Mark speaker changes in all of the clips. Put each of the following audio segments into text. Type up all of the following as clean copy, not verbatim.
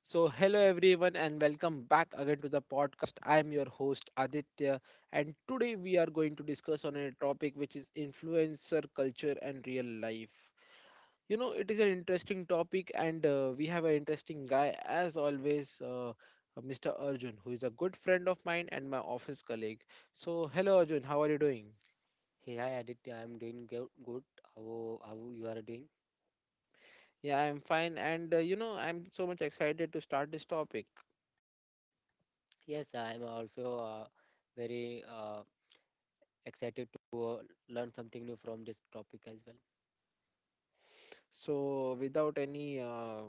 Speaker 1: So, hello everyone, and welcome back again to the podcast. I am your host Aditya, and today we are going to discuss on a topic which is influencer culture and real life. You know, it is an interesting topic, and we have an interesting guy as always, Mr. Arjun, who is a good friend of mine and my office colleague. So, hello Arjun, how are you doing?
Speaker 2: Hey, hi Aditya, I'm doing good. How how you are doing?
Speaker 1: Yeah, I'm fine, and you know, I'm so much excited to start this topic.
Speaker 2: Yes, I'm also very excited to learn something new from this topic as well.
Speaker 1: So, without any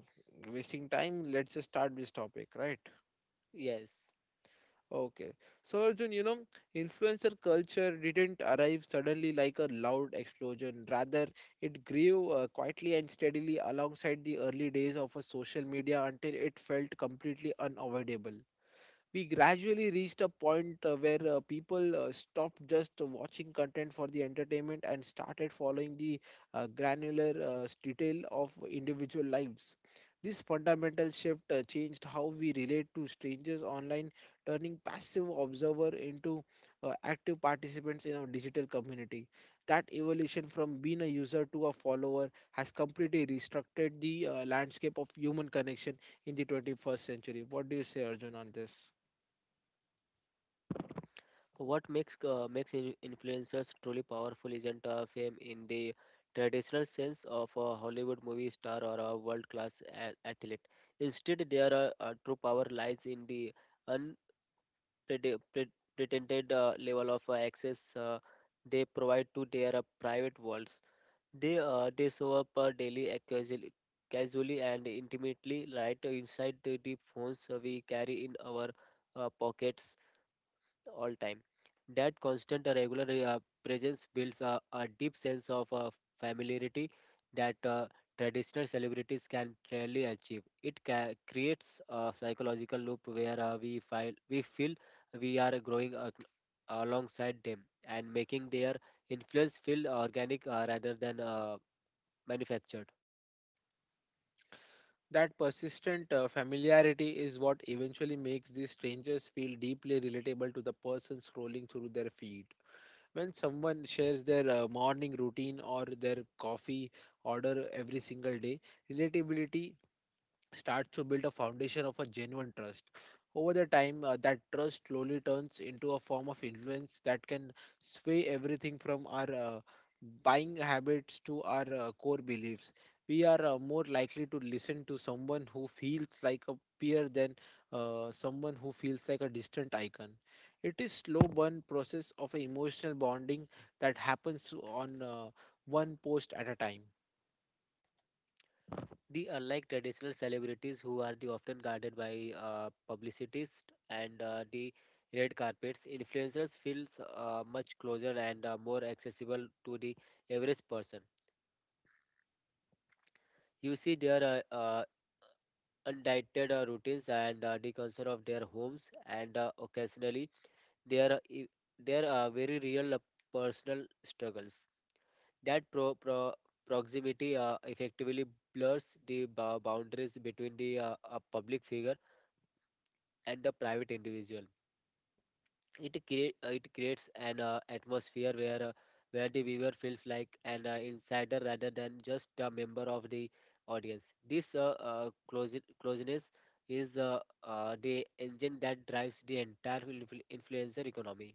Speaker 1: wasting time, let's just start this topic, right?
Speaker 2: Yes.
Speaker 1: Okay. So, Arjun, you know, influencer culture didn't arrive suddenly like a loud explosion. Rather, it grew quietly and steadily alongside the early days of a social media until it felt completely unavoidable. We gradually reached a point where people stopped just watching content for the entertainment and started following the detail of individual lives. This fundamental shift changed how we relate to strangers online, turning passive observer into active participants in our digital community. That evolution from being a user to a follower has completely restructured the landscape of human connection in the 21st century. What do you say, Arjun, on this?
Speaker 2: So what makes influencers truly powerful isn't fame in the traditional sense of a Hollywood movie star or a world-class athlete. Instead, their true power lies in the prete- pre- pretended level of access they provide to their private worlds. They show up daily casually and intimately right inside the deep phones we carry in our pockets all time. That constant regular presence builds a deep sense of familiarity that traditional celebrities can rarely achieve. It creates a psychological loop where we feel we are growing alongside them and making their influence feel organic rather than manufactured.
Speaker 1: That persistent familiarity is what eventually makes these strangers feel deeply relatable to the person scrolling through their feed. When someone shares their morning routine or their coffee order every single day, relatability starts to build a foundation of a genuine trust. Over the time, that trust slowly turns into a form of influence that can sway everything from our buying habits to our core beliefs. We are more likely to listen to someone who feels like a peer than someone who feels like a distant icon. It is slow burn process of emotional bonding that happens on one post at a time.
Speaker 2: The unlike traditional celebrities who are the often guarded by publicists and the red carpets, influencers feels much closer and more accessible to the average person. You see their undiluted routines and the concern of their homes and occasionally their their very real personal struggles. That proximity effectively blurs the boundaries between the a public figure and the private individual. It creates an atmosphere where the viewer feels like an insider rather than just a member of the audience. This closeness is the engine that drives the entire influencer economy.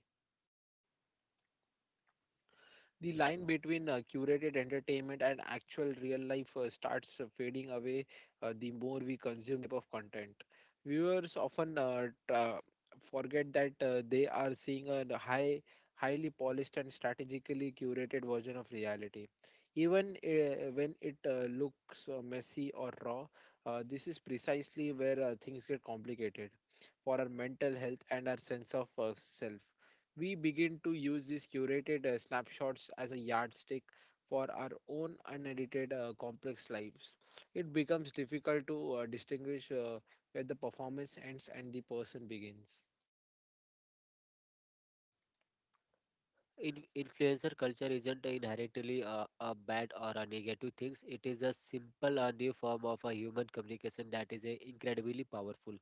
Speaker 1: The line between curated entertainment and actual real life starts fading away the more we consume type of content. Viewers often forget that they are seeing a highly polished and strategically curated version of reality, even when it looks messy or raw. This is precisely where things get complicated for our mental health and our sense of self. We begin to use these curated snapshots as a yardstick for our own unedited complex lives. It becomes difficult to distinguish where the performance ends and the person begins.
Speaker 2: Influencer culture isn't inherently a bad or a negative thing. It is a simple a new form of a human communication that is incredibly powerful.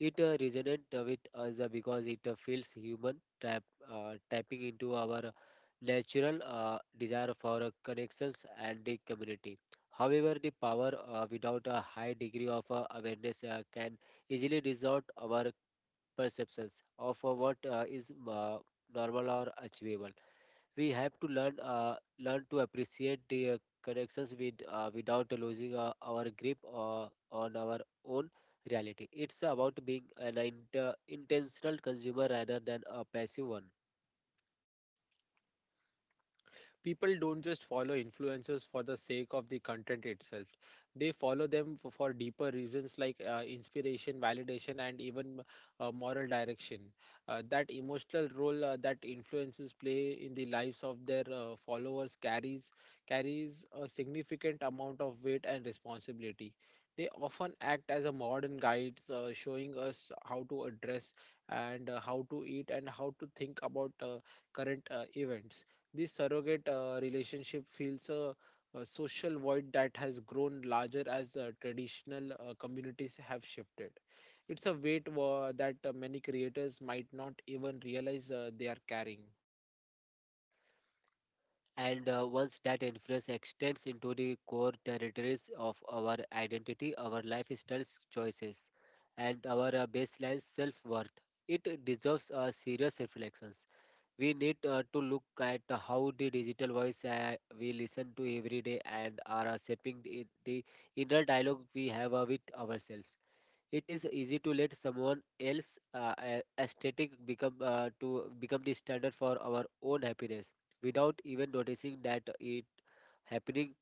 Speaker 2: It resonates with us because it feels human, tap, tapping into our natural desire for connections and the community. However, the power without a high degree of awareness can easily distort our perceptions of what is normal or achievable. We have to learn learn to appreciate the connections with without losing our grip on our own reality. It's about being an intentional consumer rather than a passive one.
Speaker 1: People don't just follow influencers for the sake of the content itself. They follow them for deeper reasons like inspiration, validation, and even moral direction. That emotional role that influencers play in the lives of their followers carries a significant amount of weight and responsibility. They often act as a modern guides, showing us how to address and how to eat and how to think about current events. This surrogate relationship fills a social void that has grown larger as traditional communities have shifted. It's a weight that many creators might not even realize they are carrying.
Speaker 2: And once that influence extends into the core territories of our identity, our lifestyle choices, and our baseline self-worth, it deserves a serious reflection. We need to look at how the digital voice we listen to every day and are shaping the inner dialogue we have with ourselves. It is easy to let someone else aesthetic become to become the standard for our own happiness without even noticing that it happening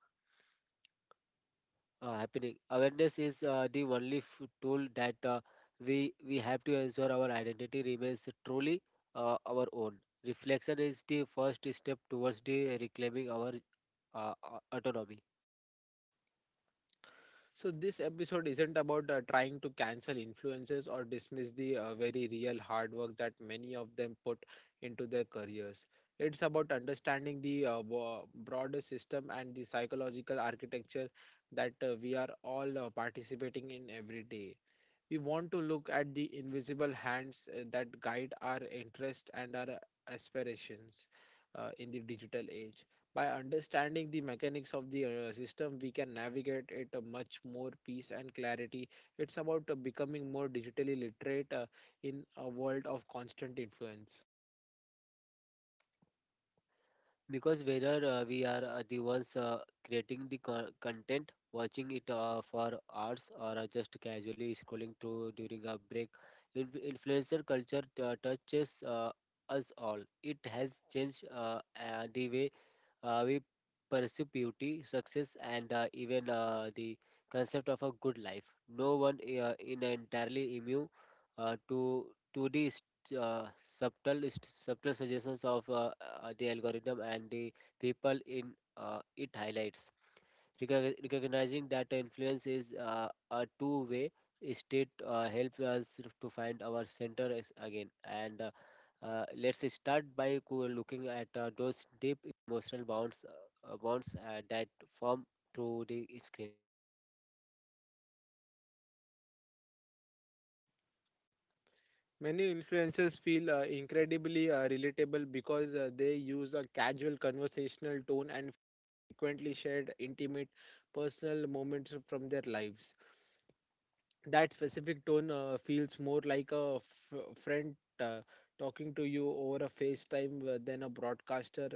Speaker 2: happening. Awareness is the only tool that uh, we have to ensure our identity remains truly our own. Reflection is the first step towards the reclaiming our autonomy.
Speaker 1: So, this episode isn't about trying to cancel influences or dismiss the very real hard work that many of them put into their careers. It's about understanding the broader system and the psychological architecture that we are all participating in every day. We want to look at the invisible hands that guide our interests and our aspirations in the digital age. By understanding the mechanics of the system, we can navigate it much more peace and clarity. It's about becoming more digitally literate in a world of constant influence.
Speaker 2: Because whether we are the ones creating the content, watching it for hours, or just casually scrolling through during a break, influencer culture touches us all. It has changed the way we pursue beauty, success, and even the concept of a good life. No one in entirely immune uh, to to the subtle suggestions of the algorithm and the people in it highlights. Recognizing that the influence is a two-way state helps us to find our center again. And let's start by looking at those deep emotional bonds, bonds that form through the screen.
Speaker 1: Many influencers feel incredibly relatable because they use a casual conversational tone and frequently shared intimate personal moments from their lives. That specific tone feels more like a friend uh, talking to you over a FaceTime than a broadcaster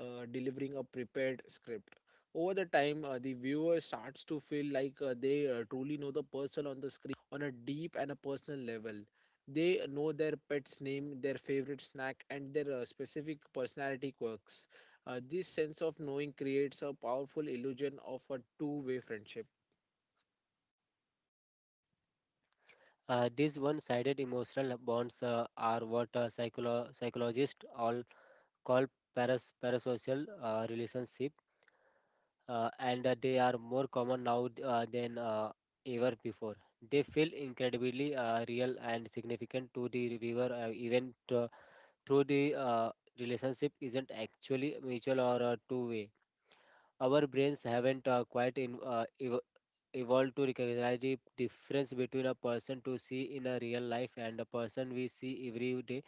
Speaker 1: delivering a prepared script. Over the time, the viewer starts to feel like they truly know the person on the screen on a deep and a personal level. They know their pet's name, their favorite snack, and their specific personality quirks. This sense of knowing creates a powerful illusion of a two-way friendship.
Speaker 2: These one-sided emotional bonds are what psychologists all called parasocial relationship, and they are more common now than ever before. They feel incredibly real and significant to the viewer, even through the relationship isn't actually mutual or two-way. Our brains haven't quite evolved to recognize the difference between a person to see in a real life and a person we see every day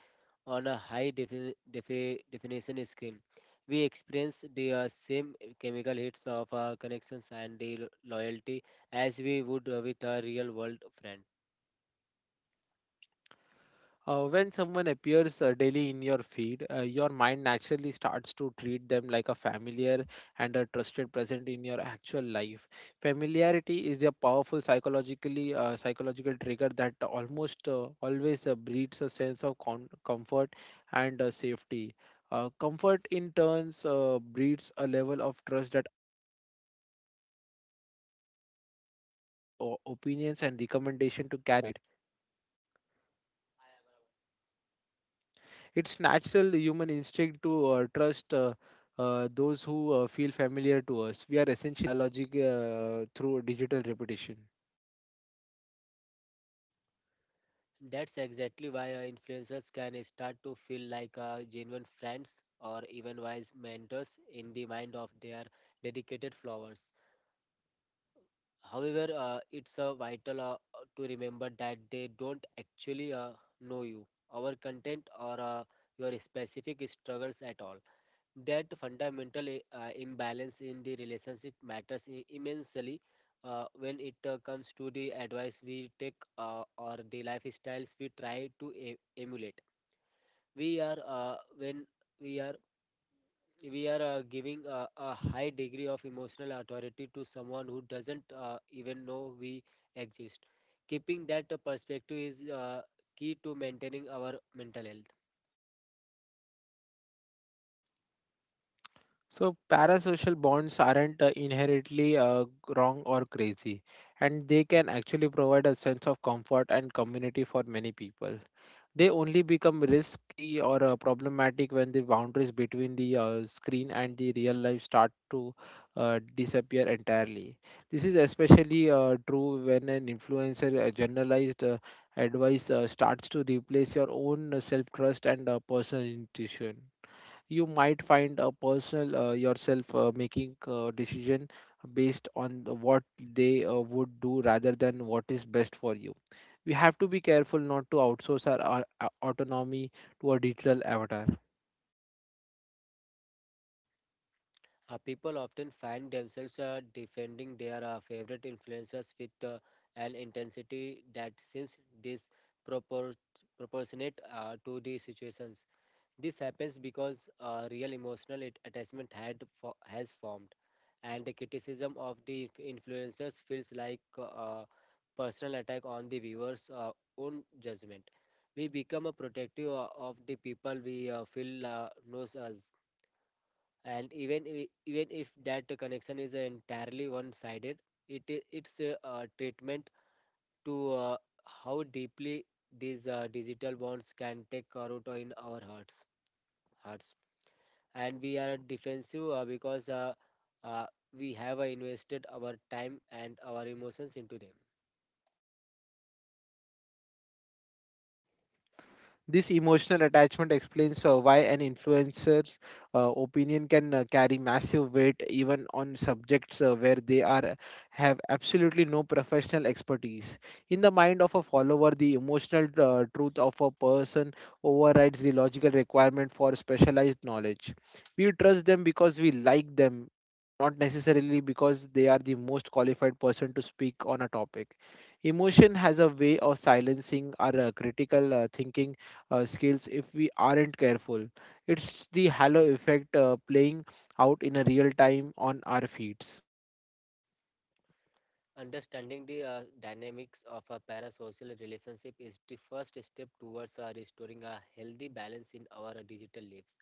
Speaker 2: on a high definition screen. We experience the same chemical hits of our connections and the loyalty as we would with a real world friend.
Speaker 1: When someone appears daily in your feed, your mind naturally starts to treat them like a familiar and a trusted present in your actual life. Familiarity is a powerful psychological trigger that almost always breeds a sense of comfort and safety. Comfort in turns breeds a level of trust that opinions and recommendation to carry it. It's natural human instinct to trust those who feel familiar to us. We are essentially biologic through digital repetition.
Speaker 2: That's exactly why influencers can start to feel like genuine friends or even wise mentors in the mind of their dedicated followers. However, it's vital to remember that they don't actually know you, our content, or your specific struggles at all. That fundamental imbalance in the relationship matters immensely when it comes to the advice we take or the lifestyles we try to emulate. We are when we are We are giving a high degree of emotional authority to someone who doesn't even know we exist. Keeping that perspective is key to maintaining our mental health.
Speaker 1: So parasocial bonds aren't inherently wrong or crazy, and they can actually provide a sense of comfort and community for many people. They only become risky or problematic when the boundaries between the screen and the real life start to disappear entirely. This is especially true when an influencer generalized advice starts to replace your own self trust and personal intuition. You might find a personal yourself making decision based on the what they would do rather than what is best for you. We have to be careful not to outsource our autonomy to a digital avatar.
Speaker 2: People often find themselves defending their favorite influencers with an intensity that seems proportionate to the situations. This happens because a real emotional attachment has formed, and the criticism of the influencers feels like a personal attack on the viewer's own judgment. We become a protective of the people we feel knows us, and even even if that connection is entirely one-sided, it it's a, treatment to how deeply these digital bonds can take root in our hearts. And we are defensive because uh, we have invested our time and our emotions into them.
Speaker 1: This emotional attachment explains why an influencer's opinion can carry massive weight even on subjects where they are have absolutely no professional expertise. In the mind of a follower, the emotional truth of a person overrides the logical requirement for specialized knowledge. We trust them because we like them, not necessarily because they are the most qualified person to speak on a topic. Emotion has a way of silencing our critical thinking skills if we aren't careful. It's the halo effect playing out in a real time on our feet.
Speaker 2: Understanding the dynamics of a parasocial relationship is the first step towards restoring a healthy balance in our digital lives.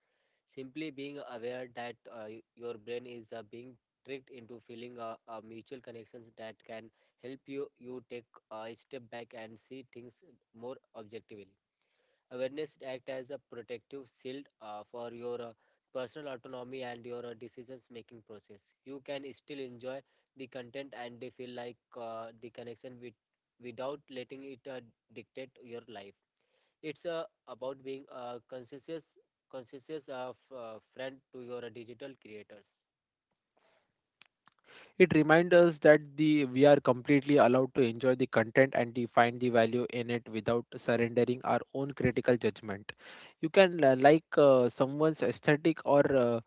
Speaker 2: Simply being aware that your brain is being tricked into feeling mutual connections that can help you take a step back and see things more objectively. Awareness act as a protective shield for your personal autonomy and your decisions making process. You can still enjoy the content and they feel like the connection with without letting it dictate your life. It's about being a conscientious friend to your digital creators.
Speaker 1: It reminds us that the we are completely allowed to enjoy the content and to find the value in it without surrendering our own critical judgment. You can like someone's aesthetic or uh,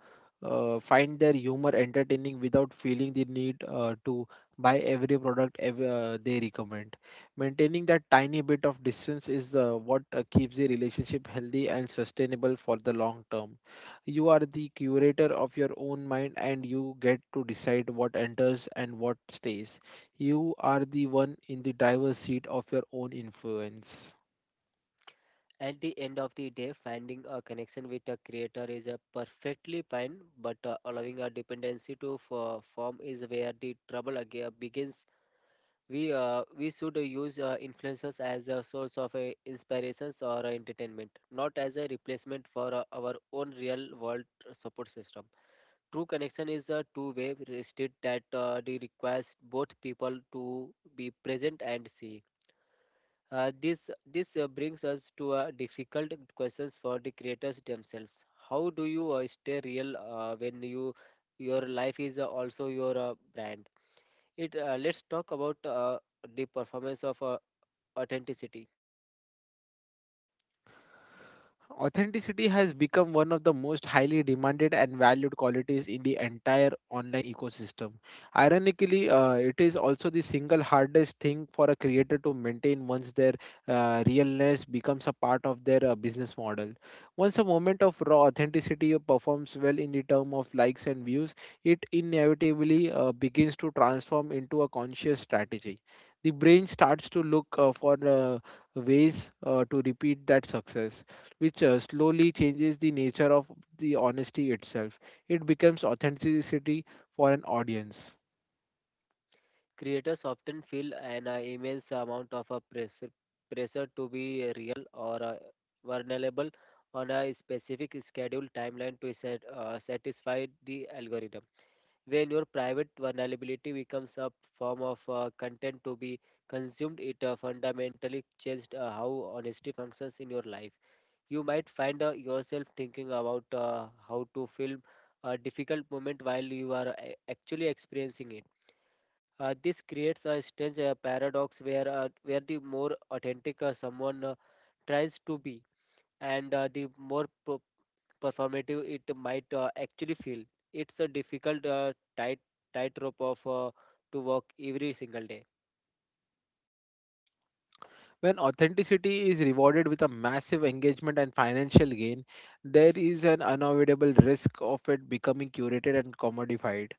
Speaker 1: uh, find their humor entertaining without feeling the need to buy every product they recommend. Maintaining that tiny bit of distance is what keeps the relationship healthy and sustainable for the long term. You are the curator of your own mind and you get to decide what enters and what stays. You are the one in the driver's seat of your own influence.
Speaker 2: At the end of the day, finding a connection with a creator is a perfectly fine, but allowing a dependency to form is where the trouble again begins. We should use influencers as a source of inspirations or entertainment, not as a replacement for our own real world support system. True connection is a two-way state that the requires both people to be present and see. This brings us to a difficult questions for the creators themselves. How do you stay real when you your life is also your brand? It Let's talk about the performance of authenticity.
Speaker 1: Authenticity has become one of the most highly demanded and valued qualities in the entire online ecosystem. Ironically, it is also the single hardest thing for a creator to maintain once their realness becomes a part of their business model. Once a moment of raw authenticity performs well in the term of likes and views, it inevitably begins to transform into a conscious strategy. The brain starts to look for ways to repeat that success, which slowly changes the nature of the honesty itself. It becomes authenticity for an audience.
Speaker 2: Creators often feel an immense amount of pressure to be real or vulnerable on a specific schedule timeline to satisfy the algorithm. When your private vulnerability becomes a form of content to be consumed, it fundamentally changed how honesty functions in your life. You might find yourself thinking about how to film a difficult moment while you are actually experiencing it. This creates a strange paradox where the more authentic someone tries to be, and the more performative it might actually feel. It's a difficult tightrope of to walk every single day.
Speaker 1: When authenticity is rewarded with a massive engagement and financial gain, there is an unavoidable risk of it becoming curated and commodified.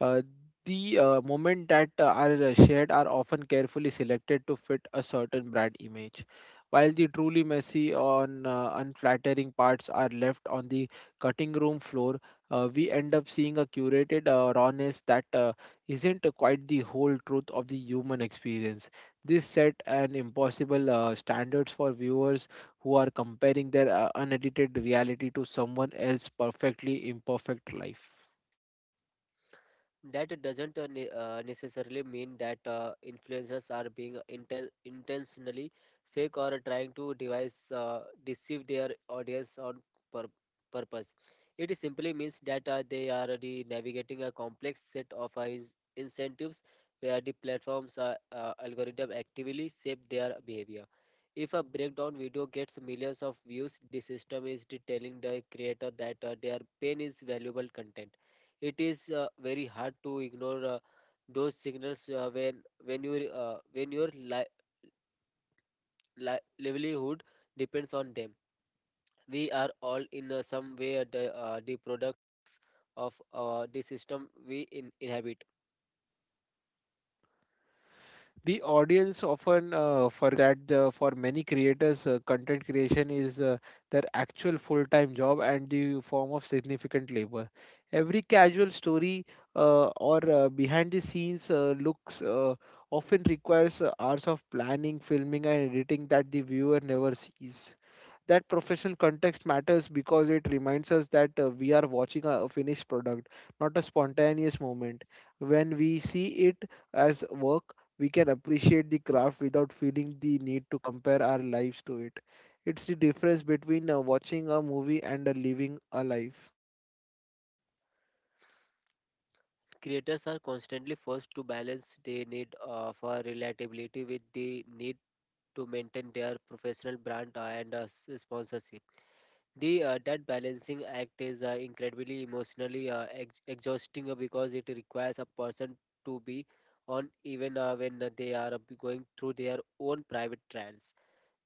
Speaker 1: Uh, the moments that are shared are often carefully selected to fit a certain brand image, while the truly messy on unflattering parts are left on the cutting room floor. We end up seeing a curated rawness that isn't quite the whole truth of the human experience. This set an impossible standards for viewers who are comparing their unedited reality to someone else's perfectly imperfect life.
Speaker 2: That doesn't necessarily mean that influencers are being intentionally fake or trying to devise deceive their audience on pur- purpose. It simply means that they are already navigating a complex set of incentives where the platforms algorithm actively shape their behavior. If a breakdown video gets millions of views, the system is telling the creator that their pain is valuable content. It is very hard to ignore those signals when when your livelihood depends on them. We are all in some way the products of the system we inhabit.
Speaker 1: The audience often forget for many creators, content creation is their actual full time job and the form of significant labor. Every casual story or behind the scenes looks often requires hours of planning, filming, and editing that the viewer never sees. That professional context matters because it reminds us that we are watching a finished product, not a spontaneous moment. When we see it as work, we can appreciate the craft without feeling the need to compare our lives to it. It's the difference between watching a movie and living a life.
Speaker 2: Creators are constantly forced to balance the need for relatability with the need to maintain their professional brand and sponsorship. The that balancing act is incredibly emotionally exhausting because it requires a person to be on even when they are going through their own private trials.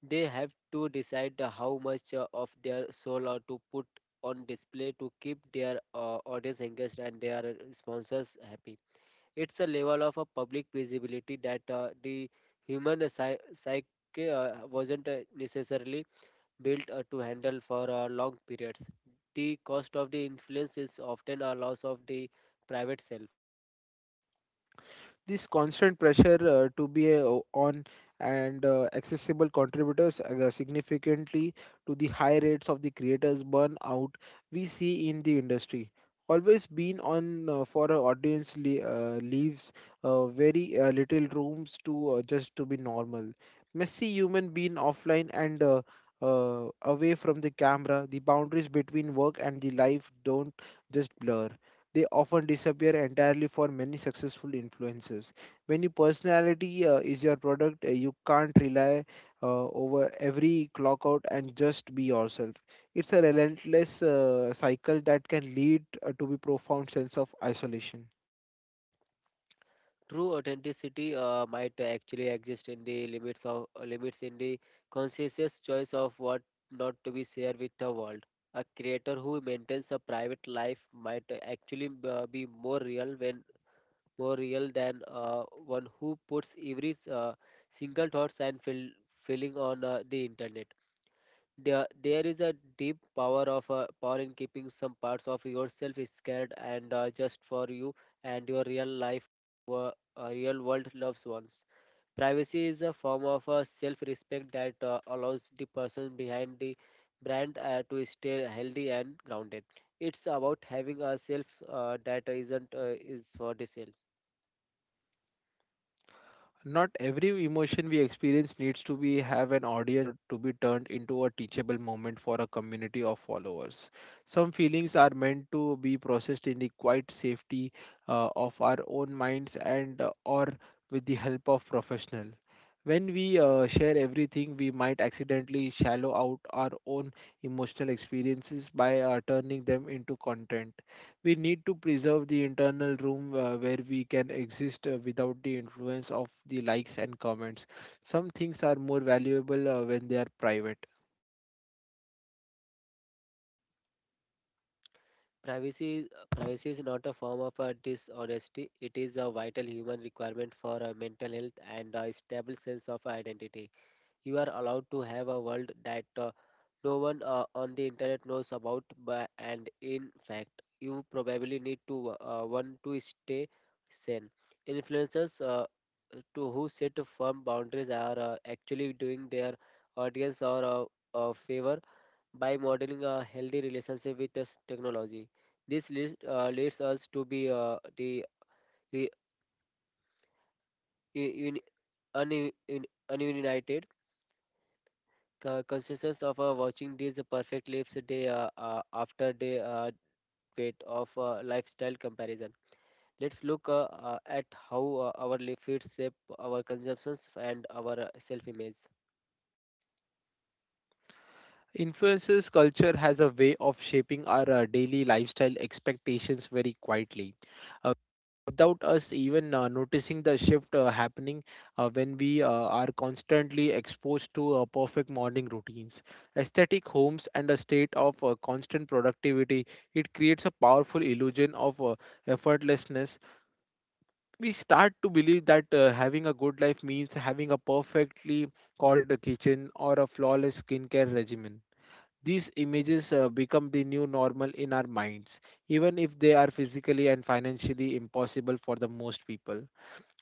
Speaker 2: They have to decide how much of their soul to put on display to keep their audience engaged and their sponsors happy. It's a level of a public visibility that the human psyche wasn't necessarily built to handle for long periods. The cost of the influence is often a loss of the private self.
Speaker 1: This constant pressure to be on and accessible contributors significantly to the high rates of the creators burnout we see in the industry. Always been on for a leaves very little rooms to just to be normal. Messy human being offline and away from the camera, the boundaries between work and the life don't just blur, they often disappear entirely for many successful influencers. When your personality is your product, you can't rely over every clock out and just be yourself. It's a relentless cycle that can lead to a profound sense of isolation.
Speaker 2: True authenticity might actually exist in the limits in the conscientious choice of what not to be shared with the world. A creator who maintains a private life might actually be more real than one who puts every single thoughts and feeling on the internet. There is a deep power in keeping some parts of yourself scared and just for you and your real life wo- real world loved ones. Privacy is a form of self respect that allows the person behind the brand to stay healthy and grounded. It's about having a self that isn't is for the sale.
Speaker 1: Not every emotion we experience needs to be have an audience to be turned into a teachable moment for a community of followers. Some feelings are meant to be processed in the quiet safety of our own minds and or with the help of professional. When we share everything, we might accidentally shallow out our own emotional experiences by turning them into content. We need to preserve the internal room where we can exist without the influence of the likes and comments. Some things are more valuable when they are private.
Speaker 2: Privacy is not a form of dishonesty. It is a vital human requirement for mental health and a stable sense of identity. You are allowed to have a world that no one on the internet knows about, but, and in fact, you probably need to want to stay sane. Influencers to who set firm boundaries are actually doing their audience or a favor by modeling a healthy relationship with this technology. This leads us to be the un, un, un, ununited consciousness of watching these perfect lives day after day, weight of lifestyle comparison. Let's look at how our feeds shape our consumptions and our self-image.
Speaker 1: Influences culture has a way of shaping our daily lifestyle expectations very quietly. Uh, Without us even noticing the shift happening when we are constantly exposed to perfect morning routines. Aesthetic homes and a state of constant productivity, it creates a powerful illusion of effortlessness. We start to believe that having a good life means having a perfectly corded kitchen or a flawless skincare regimen. These images become the new normal in our minds, even if they are physically and financially impossible for the most people.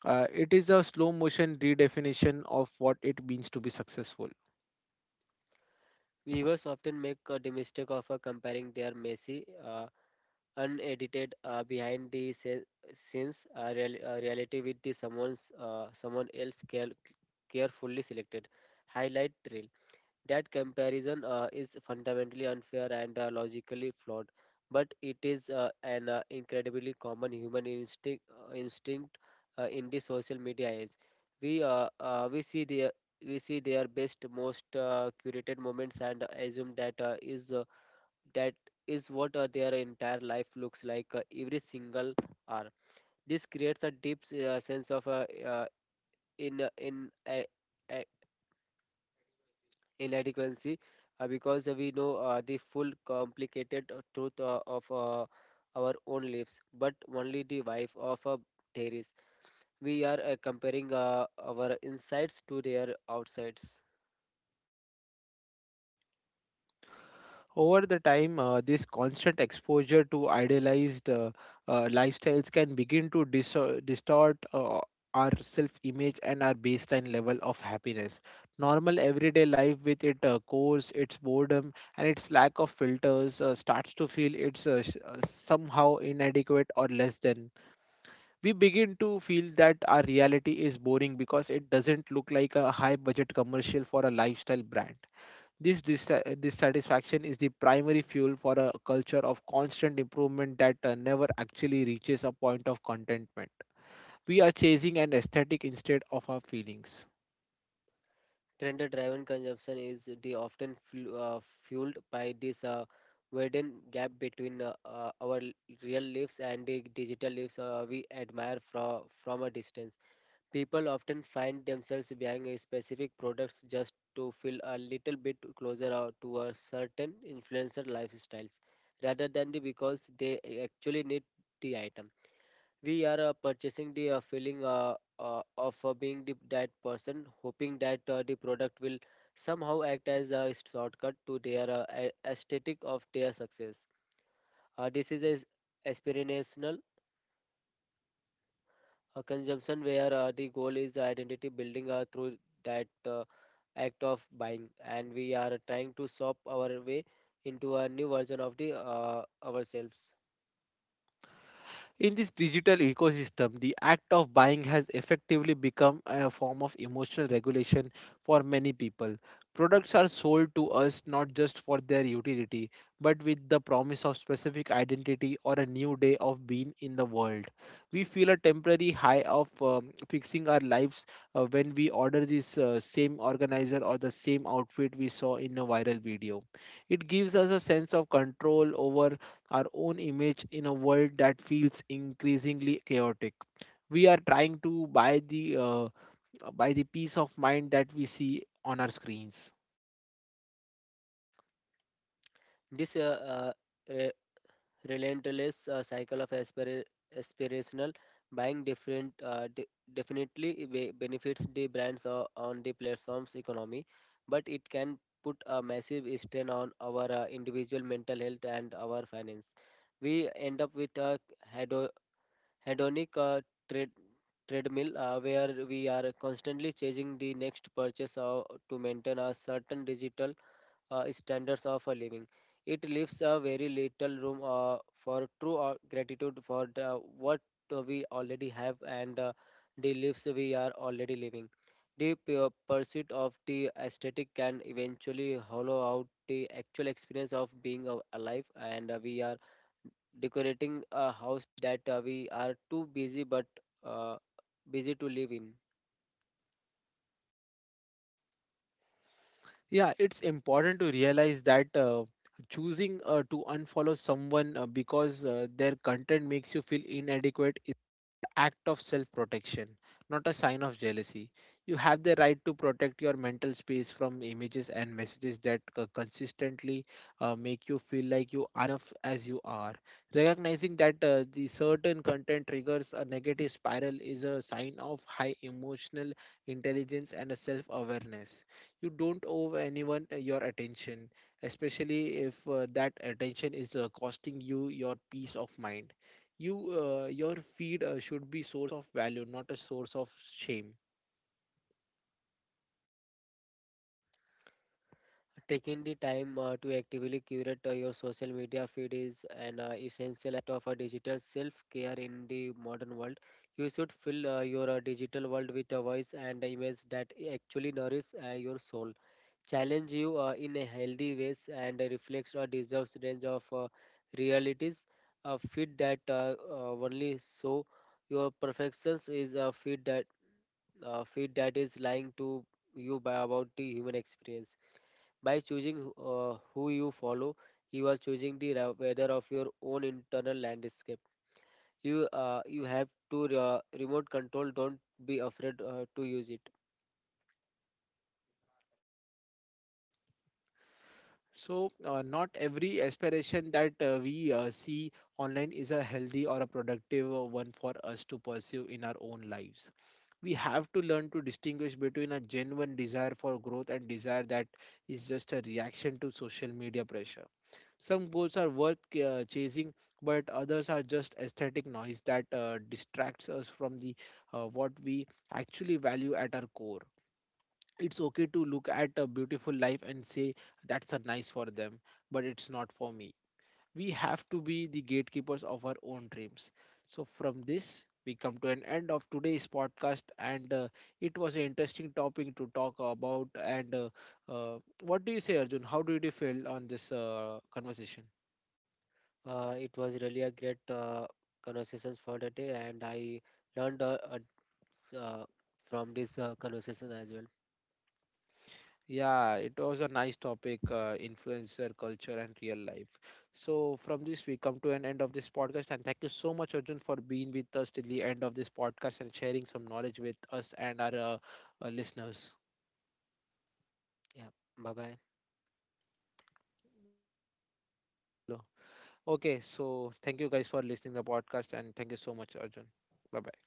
Speaker 1: It is a slow motion redefinition of what it means to be successful.
Speaker 2: Viewers often make the mistake of comparing their messy, unedited behind the scenes reality with the someone else carefully selected highlight reel. That comparison is fundamentally unfair and logically flawed, but it is an incredibly common human instinct in the social media age. We uh, uh, we see the we see their best most curated moments and assume that is what their entire life looks like every single hour. This creates a deep sense of in uh, inadequacy, because we know the full complicated truth of our own lives but only the wife of a theories. We are comparing our insides to their outsides.
Speaker 1: Over the time, this constant exposure to idealized lifestyles can begin to distort our self image and our baseline level of happiness. Normal everyday life, with its course, its boredom, and its lack of filters, starts to feel it's somehow inadequate or less than. We begin to feel that our reality is boring because it doesn't look like a high budget commercial for a lifestyle brand. This dissatisfaction is the primary fuel for a culture of constant improvement that never actually reaches a point of contentment. We are chasing an aesthetic instead of our feelings.
Speaker 2: Trend-driven consumption is the often fueled by this widened gap between real lives and the digital lives we admire from a distance. People often find themselves buying a specific products just to feel a little bit closer to a certain influencer lifestyles, rather than the because they actually need the item. We are purchasing the feeling of being that person, hoping that the product will somehow act as a shortcut to their aesthetic of their success. This is as aspirational consumption where the goal is identity building through that act of buying, and we are trying to shop our way into a new version of the ourselves.
Speaker 1: In this digital ecosystem, the act of buying has effectively become a form of emotional regulation for many people. Products are sold to us not just for their utility, but with the promise of specific identity or a new day of being in the world. We feel a temporary high of fixing our lives when we order this same organizer or the same outfit we saw in a viral video. It gives us a sense of control over our own image in a world that feels increasingly chaotic. We are trying to buy the peace of mind that we see on our screens.
Speaker 2: This re- relentless cycle of aspirational buying definitely benefits the brands on the platform's economy, but it can put a massive strain on our individual mental health and our finance. We end up with a hedo- hedonic tread, treadmill where we are constantly chasing the next purchase to maintain a certain digital standards of a living. It leaves a very little room for true gratitude for what we already have and the lives we are already living. The pursuit of the aesthetic can eventually hollow out the actual experience of being alive, and we are decorating a house that we are too uh, busy to live in.
Speaker 1: Yeah, it's important to realize that choosing to unfollow someone because their content makes you feel inadequate act of self protection, not a sign of jealousy. You have the right to protect your mental space from images and messages that consistently make you feel like you are enough as you are. Recognizing that the certain content triggers a negative spiral is a sign of high emotional intelligence and a self awareness. You don't owe anyone your attention, especially if that attention is costing you your peace of mind. You your feed should be source of value, not a source of shame.
Speaker 2: Taking the time to actively curate your social media feed is an essential act of a digital self-care in the modern world. You should fill your digital world with a voice and image that actually nourish your soul, challenge you in a healthy ways and reflects a diverse range of realities. A fit that only so your perfections is a fit that is lying to you by about the human experience. By choosing who you follow, you are choosing the weather of your own internal landscape. You have to remote control. Don't be afraid to use it.
Speaker 1: So not every aspiration that we see online is a healthy or a productive one for us to pursue in our own lives. We have to learn to distinguish between a genuine desire for growth and desire that is just a reaction to social media pressure. Some goals are worth chasing, but others are just aesthetic noise that distracts us from the what we actually value at our core. It's okay to look at a beautiful life and say that's a nice for them, but it's not for me. We have to be the gatekeepers of our own dreams. So from this we come to an end of today's podcast, and it was an interesting topic to talk about and, uh, what do you say, Arjun? How did you feel on this conversation?
Speaker 2: It was really a great conversations for the day, and I learned s- uh, from this conversation as well.
Speaker 1: Yeah, it was a nice topic, influencer culture and real life. So from this, we come to an end of this podcast, and thank you so much, Arjun, for being with us till the end of this podcast and sharing some knowledge with us and our listeners.
Speaker 2: Yeah, bye bye.
Speaker 1: Okay, so thank you guys for listening to the podcast, and thank you so much, Arjun. Bye bye.